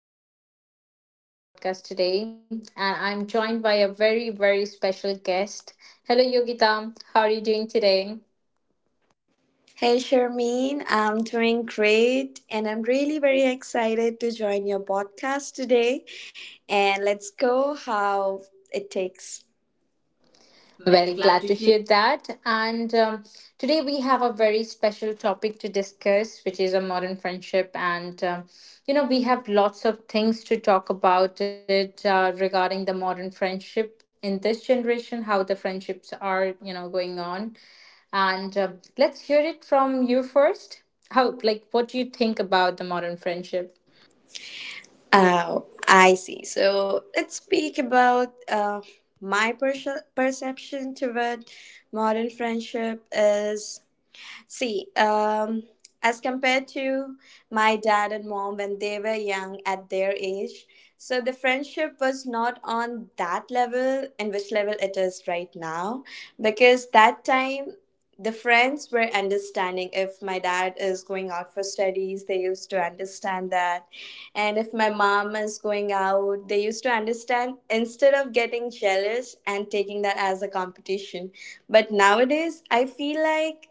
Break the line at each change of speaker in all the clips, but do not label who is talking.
name is Sharmeen. Welcome to our podcast today. And I'm joined by a very, very special guest. Hello, Yogita. How are you doing today?
Hey Sharmeen, I'm doing great and I'm really very excited to join your podcast today. And let's go how it takes. Well,
Well,
glad
glad
to
to
hear.
hear that. And Today we have a very special topic to discuss, which is a modern friendship. You know, we have lots of things to talk about it regarding the modern friendship in this generation, how the friendships are, you know, going on. And Let's hear it from you first. How, like, what do you think about the modern friendship?
Oh, I see. So let's speak about my perception toward modern friendship is. See, as compared to my dad and mom when they were young at their age, so the friendship was not on that level in which level it is right now, because that time the friends were understanding. If my dad is going out for studies, they used to understand that, and if my mom is going out, they used to understand, instead of getting jealous and taking that as a competition. But nowadays I feel like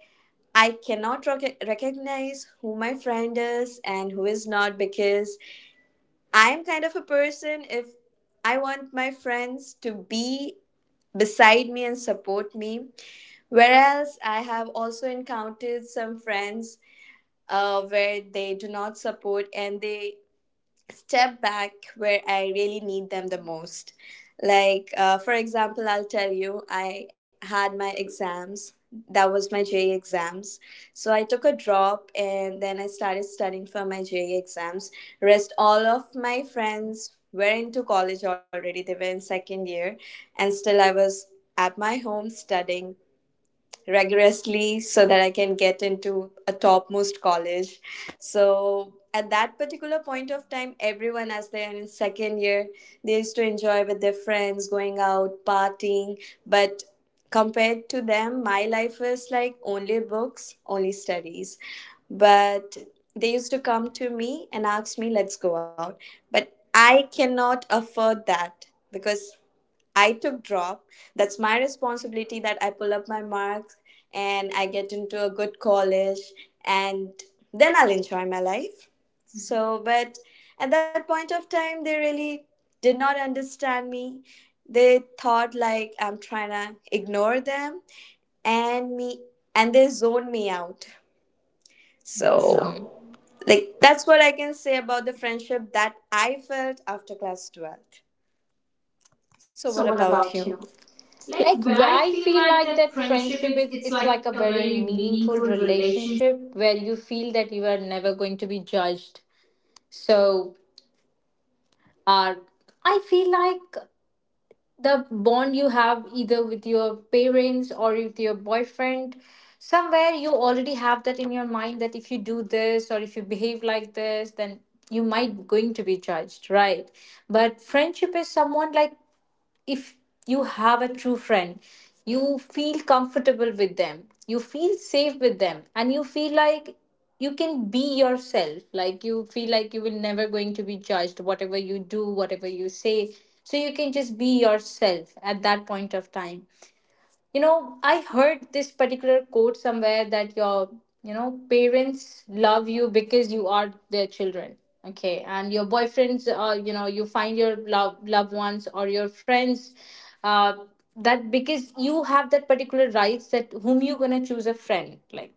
I cannot recognize who my friend is and who is not, because I am kind of a person. If I want my friends to be beside me and support me, whereas I have also encountered some friends where they do not support and they step back where I really need them the most. Like, for example, I'll tell you, I had my exams. That was my JE exams. So I took a drop and then I started studying for my JE exams. Rest all of my friends were into college already. They were in second year. And still I was at my home studying rigorously so that I can get into a topmost college. So at that particular point of time, everyone, as they are in second year, they used to enjoy with their friends, going out, partying. But compared to them, my life is like only books, only studies. But they used to come to me and ask me, let's go out. But I cannot afford that, because I took drop. That's my responsibility, that I pull up my marks and I get into a good college, and then I'll enjoy my life. So, but at that point of time, they really did not understand me. They thought like I'm trying to ignore them and me and they zoned me out.
So,
So,
mhm.
like that's what I can say about the friendship that I felt after class 12th. So, what
So what
about
about
you?
you?
Like
Like, where I
I feel
feel like
like
that
that
friendship
friendship
it's
is,
it's
it's
like a
like a
very
very
meaningful
meaningful relationship.
relationship where you feel that you are never going to be judged. So uh I feel like the bond you have either with your parents or with your boyfriend, somewhere you already have that in your mind that if you do this or if you behave like this, then you might going to be judged, right? But friendship is someone like, if you have a true friend, you feel comfortable with them, you feel safe with them, and you feel like you can be yourself. Like, you feel like you will never going to be judged, whatever you do, whatever you say. So you can just be yourself at that point of time. I heard this particular quote somewhere that your, you know parents love you because you are their children. Okay? And your boyfriends, you know, you find your love, loved ones, or your friends, uh, that because you have that particular rights that whom you're gonna choose a friend, like,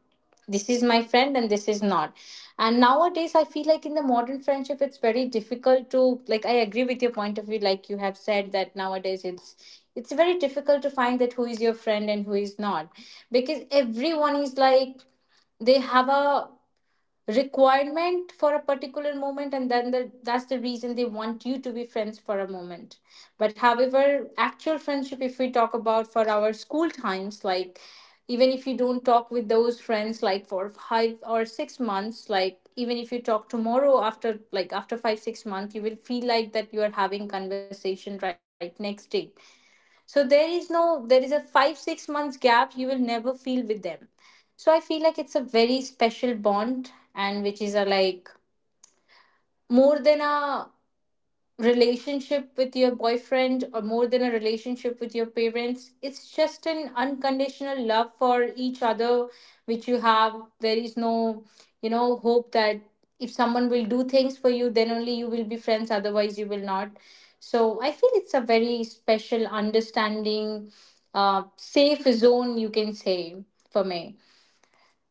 this is my friend and this is not. And nowadays I feel like in the modern friendship it's very difficult to, like, I agree with your point of view, like you have said that nowadays it's very difficult to find that who is your friend and who is not, because everyone is like they have a requirement for a particular moment, and that's the reason they want you to be friends for a moment. But however, actual friendship, if we talk about for our school times, like, even if you don't talk with those friends like for 5 or 6 months, like even if you talk tomorrow after like after 5 6 months, you will feel like that you are having conversation right next day. So there is no there is a 5 6 months gap you will never feel with them. So I feel like it's a very special bond, and which is a like more than a relationship with your boyfriend or more than a relationship with your parents. It's just an unconditional love for each other, which you have. There is no, you know, hope that if someone will do things for you, then only you will be friends, otherwise you will not. So I feel it's a very special understanding, safe zone, you can say, for me.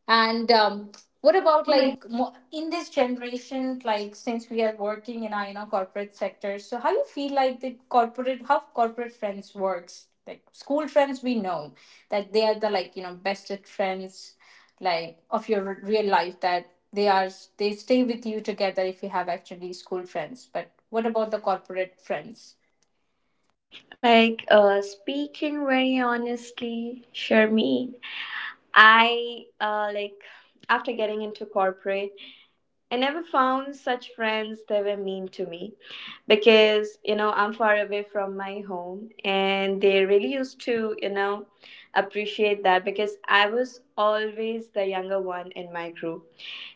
And What
What
about
about
like
like.
in this generation, like since we are working in our, you know, corporate sector, so how you feel like the corporate friends works? Like school friends, we know that they are the, like, you know, bested friends, like of your real life, that they are they stay with you together if you have actually school friends. But what about the corporate friends?
Like speaking very honestly, Sharmeen, I, like after getting into corporate, I never found such friends that were mean to me, because you know I'm far away from my home, and they really used to, you know, appreciate that, because I was always the younger one in my group.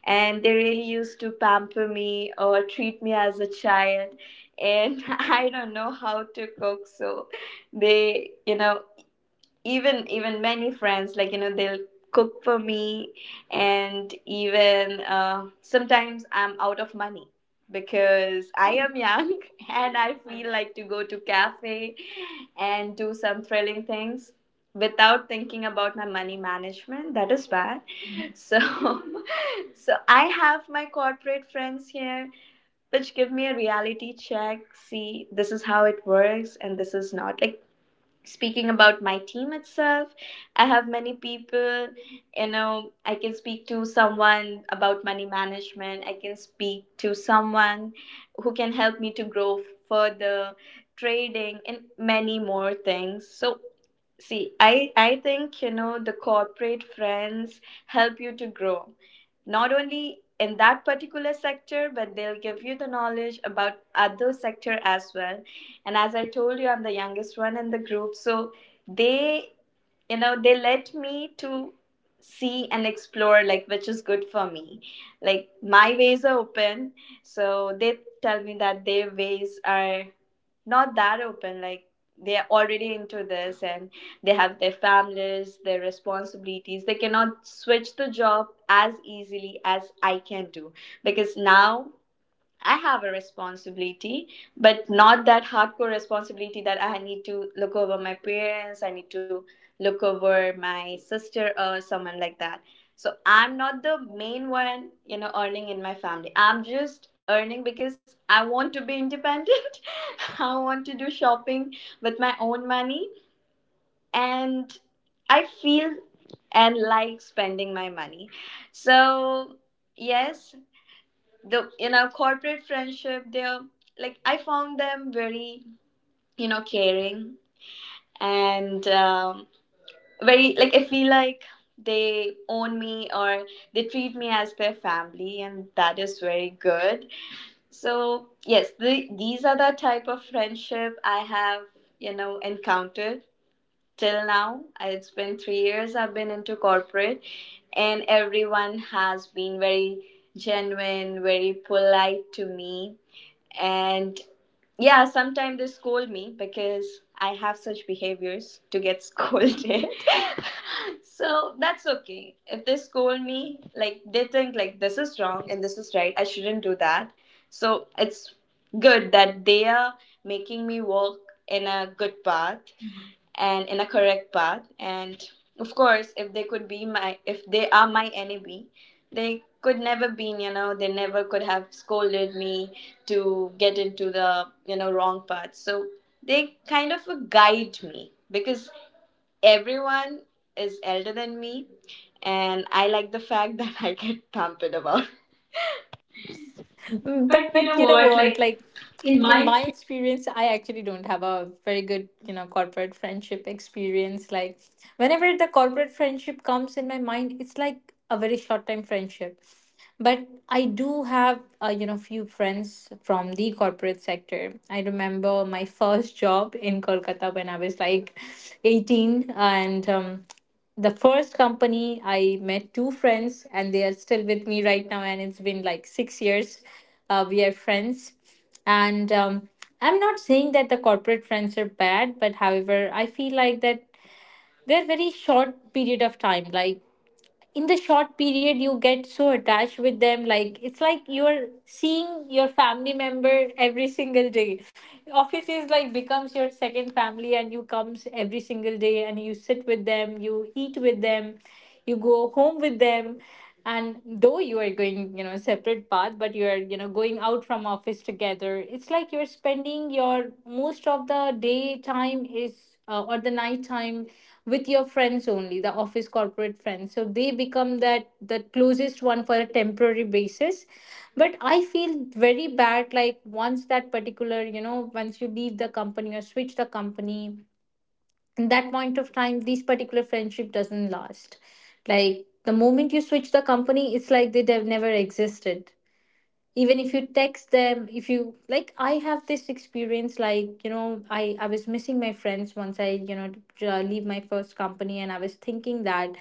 And they really used to pamper me or treat me as a child. And I don't know how to cook, so they, you know, even many friends, like, you know, they'll cook for me. And even sometimes I'm out of money because I am young, and I feel like to go to cafe and do some thrilling things without thinking about my money management, that is bad. So so I have my corporate friends here which give me a reality check. See, this is how it works and this is not, like, speaking about my team itself, I have many people, you know. I can speak to someone about money management, I can speak to someone who can help me to grow further, trading and many more things. So see, I think, you know, the corporate friends help you to grow, not only in that particular sector, but they'll give you the knowledge about other sector as well. And as I told you, I'm the youngest one in the group. So they, you know, they let me to see and explore, like which is good for me. Like my ways are open. So they tell me that their ways are not that open, like they're already into this and they have their families, their responsibilities. They cannot switch the job as easily as I can do, because now I have a responsibility, but not that hardcore responsibility that I need to look over my parents, I need to look over my sister or someone like that. So I'm not the main one, you know, earning in my family. I'm just earning because I want to be independent. I want to do shopping with my own money and I feel and like spending my money. So, yes, the in our corporate friendship they're, like I found them very, you know, caring and very, like I feel like they own me or they treat me as their family, and that is very good. So yes, the, these are the type of friendship I have, you know, encountered till now. It's been 3 years I've been into corporate, and everyone has been very genuine, very polite to me. And yeah, sometimes they scold me because I have such behaviors to get scolded. So that's okay if they scold me, like they think like this is wrong and this is right, I shouldn't do that. So it's good that they are making me walk in a good path and in a correct path. And of course, if they could be my, if they are my enemy, they could never been, you know, they never could have scolded me to get into the, you know, wrong path. So they kind of guide me because everyone is elder than me. And I like the fact that I get pampered about. But you
But
know
you know
what?
what,
Like
like,
in
in
my
my experience I actually don't have a very good, you know, corporate friendship experience. Like, whenever the corporate friendship comes in my mind, it's like a very short time friendship. But I do have, you know, few friends from the corporate sector. I remember my first job in Kolkata when I was like 18, and the first company I met two friends, and they are still with me right now, and it's been like 6 years we are friends. And I'm not saying that the corporate friends are bad, but however I feel like that they're very short period of time. Like, in the short period you get so attached with them, like it's like you're seeing your family member every single day. Office is like becomes your second family, and you comes every single day and you sit with them, you eat with them, you go home with them, and though you are going, you know, separate path, but you are, you know, going out from office together. It's like you're spending your most of the day time is, or the night time, with your friends only, the office corporate friends. So they become that the closest one for a temporary basis. But I feel very bad, like, once that particular, you know, once you leave the company or switch the company, in that point of time this particular friendship doesn't last. Like, the moment you switch the company, it's like they have never existed. Even if you text them, if you like, I have this experience, like, you know, I was missing my friends once I, you know, leave my first company, and I was thinking that,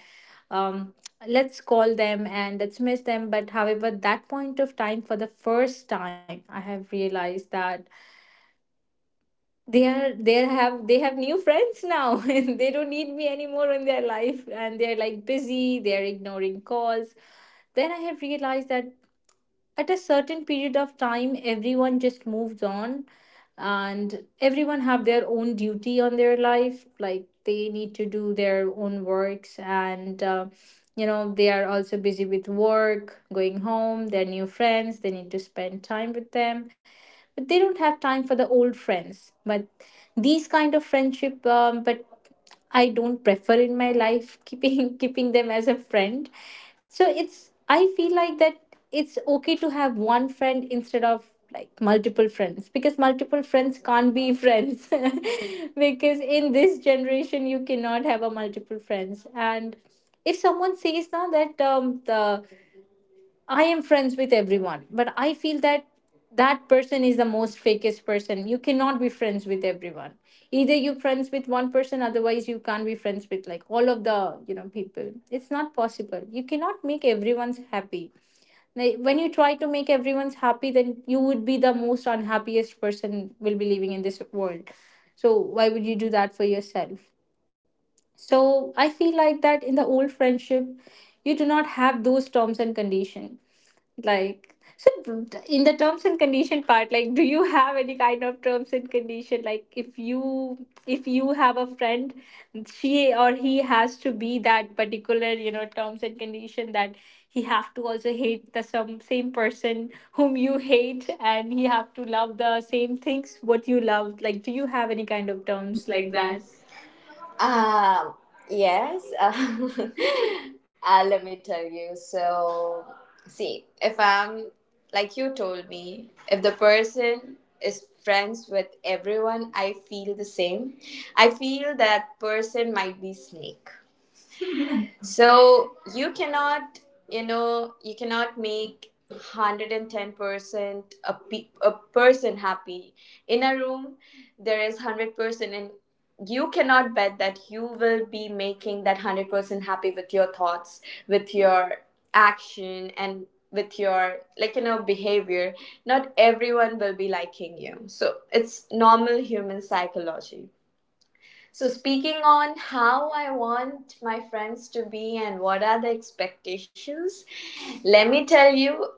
um, let's call them and let's miss them. But however, that point of time, for the first time I have realized that they have new friends now and they don't need me anymore in their life, and they're like busy, they're ignoring calls. Then I have realized that at a certain period of time everyone just moved on, and everyone have their own duty on their life, like they need to do their own works, and, you know, they are also busy with work, going home, their new friends, they need to spend time with them, but they don't have time for the old friends. But these kind of friendship, but I don't prefer in my life keeping keeping them as a friend. So it's, I feel like that it's okay to have one friend instead of like multiple friends, because multiple friends can't be friends because in this generation you cannot have a multiple friends. And if someone says now that, the I am friends with everyone, but I feel that that person is the most fakest person. You cannot be friends with everyone. Either you friends with one person, otherwise you can't be friends with like all of the, you know, people. It's not possible. You cannot make everyone's happy. Like, when you try to make everyone's happy, then you would be the most unhappiest person will be living in this world. So why would you do that for yourself? So I feel like that in the old friendship, you do not have those terms and conditions, like, so in the terms and condition part, like, do you have any kind of terms and condition, like, if you, if you have a friend, she or he has to be that particular, you know, terms and condition that he have to also hate the some same person whom you hate, and he have to love the same things what you love? Like, do you have any kind of terms
experience,
like
like
that?
that. Um, yes. Let me tell you. So, see, if I'm, like you told me, if the person is friends with everyone, I feel the same. I feel that person might be snake. So you cannot, you know, you cannot make 110% a, a person happy. In a room there is 100%, and you cannot bet that you will be making that 100% happy with your thoughts, with your action and with your, like, you know, behavior. Not everyone will be liking you, so it's normal human psychology. So, speaking on how I want my friends to be and what are the expectations, let me tell you,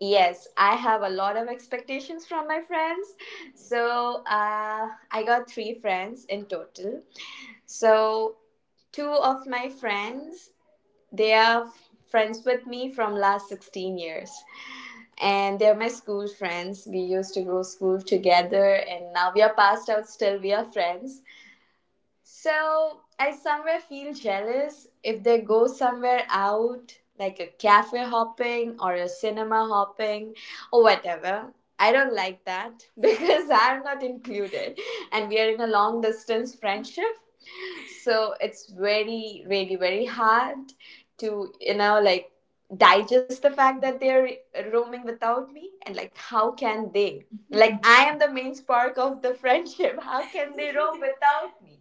yes, I have a lot of expectations from my friends. So, I got three friends in total. So, two of my friends, they are friends with me from last 16 years, and they're my school friends. We used to go school together and now we are passed out, still we are friends. So I somewhere feel jealous if they go somewhere out, like a cafe hopping or a cinema hopping or whatever. I don't like that because I'm not included, and we are in a long distance friendship. So it's very, really, very hard to, you know, like, digest the fact that they're roaming without me and like how can they, like I am the main spark of the friendship, how can they roam without me?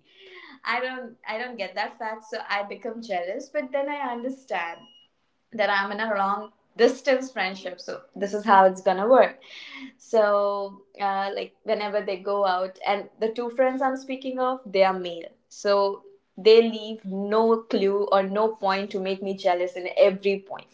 I don't get that fact, so I become jealous. But then I understand that I'm in a long distance friendship, so this is how it's gonna work. So like whenever they go out, and the two friends I'm speaking of, they are male, so they leave no clue or no point to make me jealous in every point.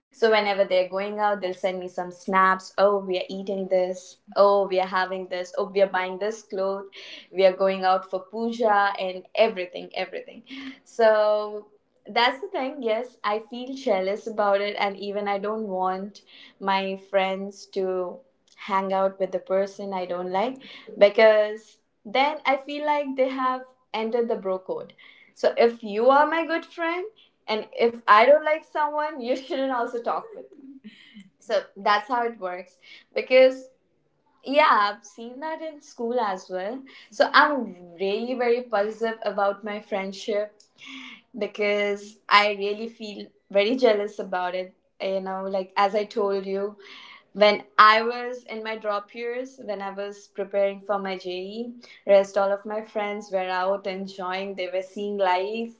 So whenever they're going out, they'll send me some snaps. Oh, we are eating this, oh, we are having this, oh, we are buying this cloth, we are going out for puja and everything, everything. So that's the thing, yes, I feel jealous about it. And even I don't want my friends to hang out with the person I don't like, because then I feel like they have entered the bro code. So if you are my good friend and if I don't like someone, you shouldn't also talk with me. So that's how it works, because yeah, I've seen that in school as well. So I'm really very positive about my friendship because I really feel very jealous about it. You know, like as I told you, when I was in my drop years, when I was preparing for my JE, rest all of my friends were out enjoying, they were seeing life.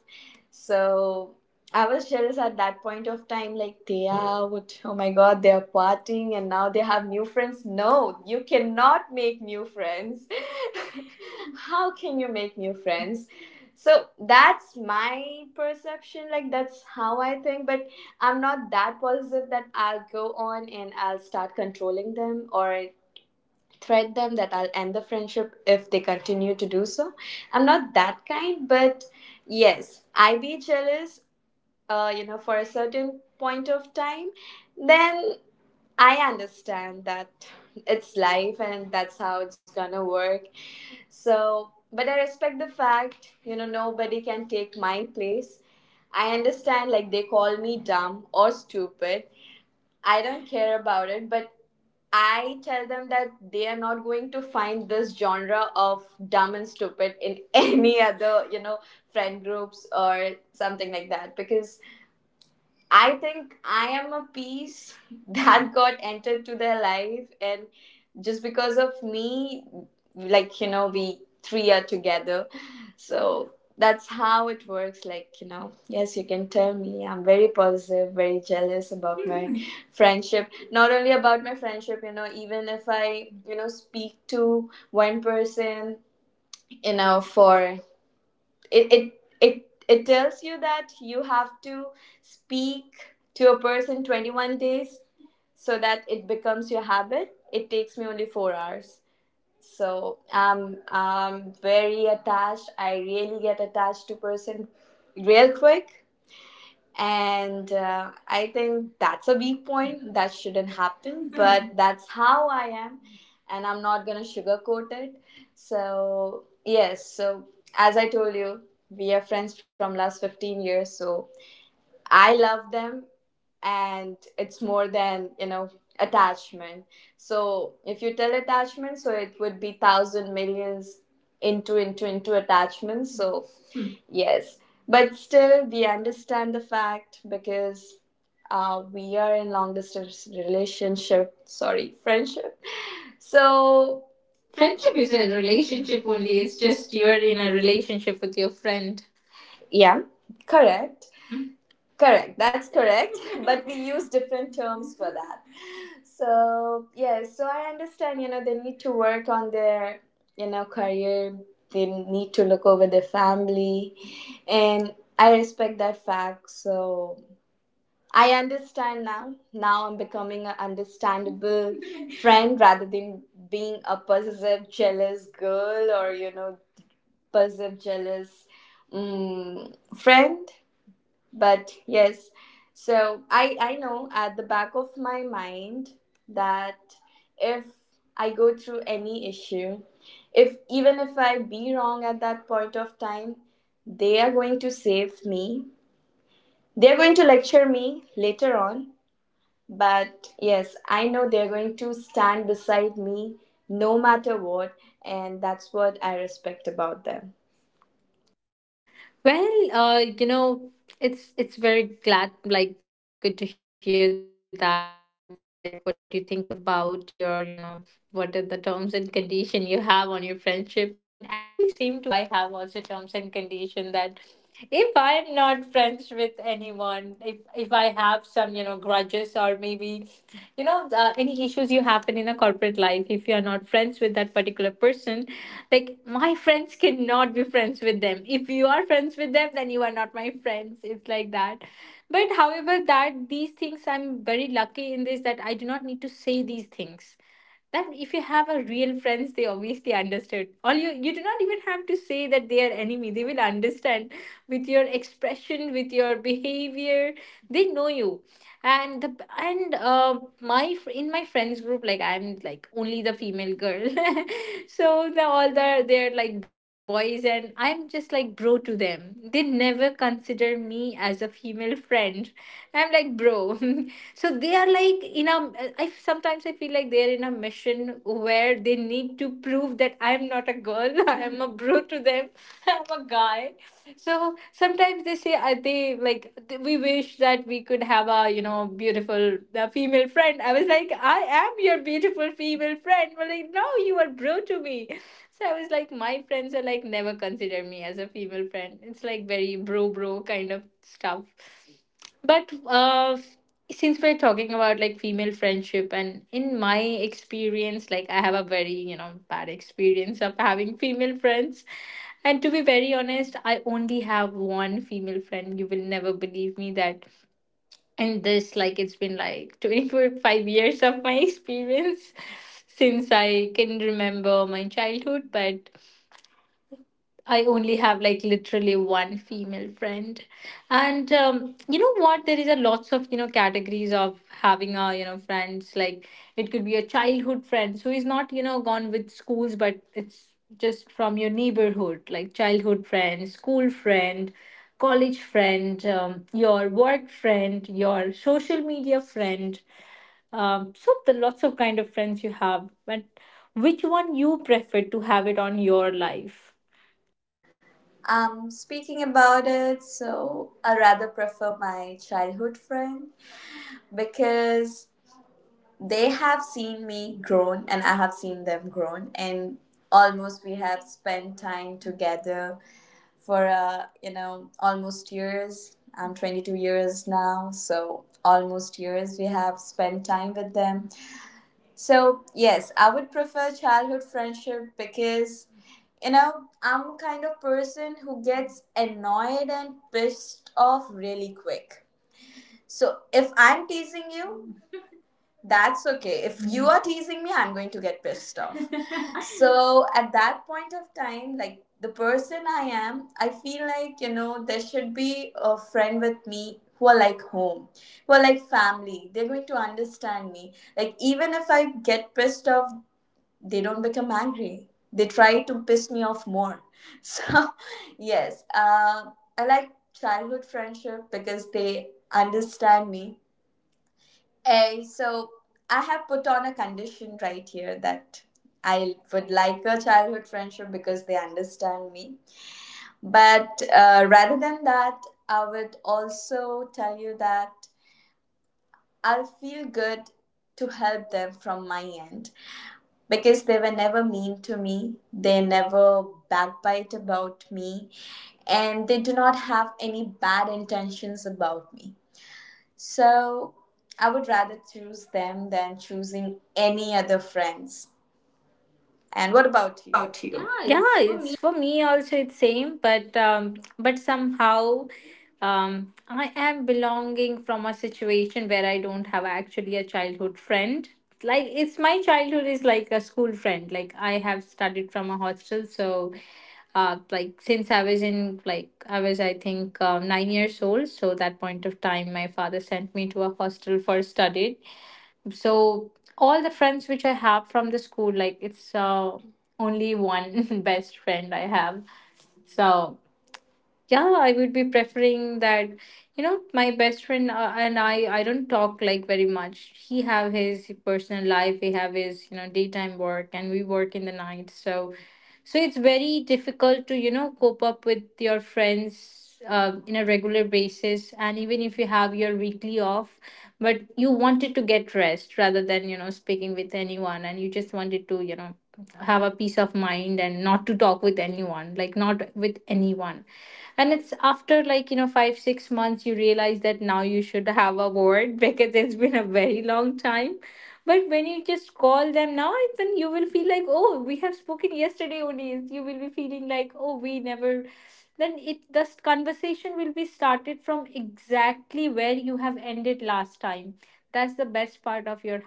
So I was jealous at that point of time, like they are out, oh my god, they are partying and now they have new friends. No, you cannot make new friends. How can you make new friends? So that's my perception, like that's how I think. But I'm not that positive that I'll go on and I'll start controlling them or threat them that I'll end the friendship if they continue to do so. I'm not that kind, but yes, I be jealous, you know, for a certain point of time, then I understand that it's life and that's how it's gonna work. So, but I respect the fact, you know, nobody can take my place. I understand, like, they call me dumb or stupid. I don't care about it, but I tell them that they are not going to find this genre of dumb and stupid in any other, friend groups or something like that, because I think I am a piece that got entered to their life, and just because of me, we three are together, so that's how it works. Like yes, you can tell me I'm very positive, very jealous about my friendship. Not only about my friendship, even if I speak to one person, you know, for it it it tells you that you have to speak to a person 21 days so that it becomes your habit. It takes me only 4 hours. So I'm very attached. I really get attached to person real quick, and I think that's a weak point that shouldn't happen, but that's how I am, and I'm not going to sugarcoat it. So yes, so as I told you, we are friends from last 15 years, so I love them, and it's more than attachment. So if you tell attachment, so it would be thousand millions into attachments. So yes, but still, we understand the fact because we are in long distance relationship. Sorry, friendship. So friendship
Friendship
is
is
a
a relationship
relationship only,
only,
it's
it's just
just
you're
you're in
in a
a relationship.
relationship with your friend.
Yeah, correct. Correct, that's correct, but we use different terms for that. So, yeah, so I understand, they need to work on their, career, they need to look over their family, and I respect that fact. So, I understand now. Now I'm becoming an understandable friend rather than being a possessive, jealous girl, or, possessive, jealous, friend. But yes, so I know at the back of my mind that if I go through any issue, if even if I be wrong at that point of time, they are going to save me, they're going to lecture me later on, but yes, I know they're going to stand beside me, no matter what. And that's what I respect about them.
Well, you know, it's very glad, like, good to hear that, like, what you think about your, you know, what are the terms and condition you have on your friendship. And actually, same to, I have also terms and condition that if I'm not friends with anyone, if I have some, you know, grudges, or maybe, you know, any issues you happen in a corporate life, if you are not friends with that particular person, like, my friends cannot be friends with them. If you are friends with them, then you are not my friends. It's like that. But however, that these things, I'm very lucky in this, that I do not need to say these things, that if you have a real friends, they obviously understood all. You do not even have to say that they are enemy, they will understand with your expression, with your behavior. They know you. And my in my friends group, like, I'm like only the female girl. So the all the, they're like boys, and I'm just like bro to them. They never consider me as a female friend. I'm like bro. So they are like in a, I sometimes I feel like they're in a mission where they need to prove that I'm not a girl, I'm a bro to them, I'm a guy. So sometimes they say, they like, we wish that we could have a, you know, beautiful, female friend. I was like, I am your beautiful female friend. But like, no, you are bro to me. So I was like, my friends are like never consider me as a female friend. It's like very bro bro kind of stuff. But since we're talking about like female friendship, and in my experience, like, I have a very, you know, bad experience of having female friends. And to be very honest, I only have one female friend. You will never believe me that. And this, like, it's been like 25 years of my experience since I can remember my childhood, but I only have like literally one female friend. And You know what? There is a lots of, you know, categories of having a, you know, friends. Like, it could be a childhood friend who is not, you know, gone with schools, but it's just from your neighborhood. Like childhood friend, school friend, college friend, your work friend, your social media friend. So the lots of kind of friends you have, but which one you prefer to have it on your life?
Speaking about it, so I rather prefer my childhood friend because they have seen me grown and I have seen them grown, and almost we have spent time together for almost years. I'm 22 years now, so almost years we have spent time with them. So yes, I would prefer childhood friendship because you know I'm kind of person who gets annoyed and pissed off really quick. So if I'm teasing you, that's okay. If you are teasing me, I'm going to get pissed off. So at that point of time, like the person I am, I feel like there should be a friend with me who are like home, who are like family. They're going to understand me, like even if I get pissed off, they don't become angry, they try to piss me off more. So yes, I like childhood friendship because they understand me. And so I have put on a condition right here that I would like a childhood friendship because they understand me. But rather than that, I would also tell you that I'll feel good to help them from my end, because they were never mean to me. They never backbite about me, and they do not have any bad intentions about me. So I would rather choose them than choosing any other friends. And what
What
about you?
about
Yeah,
you? Yeah,
it's for
it's
me.
for me also it's same, but somehow, I am belonging from a situation where I don't have actually a childhood friend. Like, it's my childhood is like a school friend. Like I have studied from a hostel, so, like since I was in, like I was I think 9 years old. So that point of time, my father sent me to a hostel for study. So all the friends which I have from the school, like it's, only one best friend I have. So yeah, I would be preferring that, you know, my best friend, and I don't talk like very much. He have his personal life, we have his, you know, daytime work, and we work in the night. So so it's very difficult to, you know, cope up with your friends, in a regular basis. And even if you have your weekly off, but you wanted to get rest rather than, you know, speaking with anyone, and you just wanted to, you know, have a peace of mind and not to talk with anyone, like, not with anyone. And it's after like, you know, 5 6 months, you realize that now you should have a word because it's been a very long time. But when you just call them now, and then you will feel like, oh, we have spoken yesterday only. You will be feeling like, oh, we never, then it this conversation will be started from exactly where you have ended last time. That's the best part of your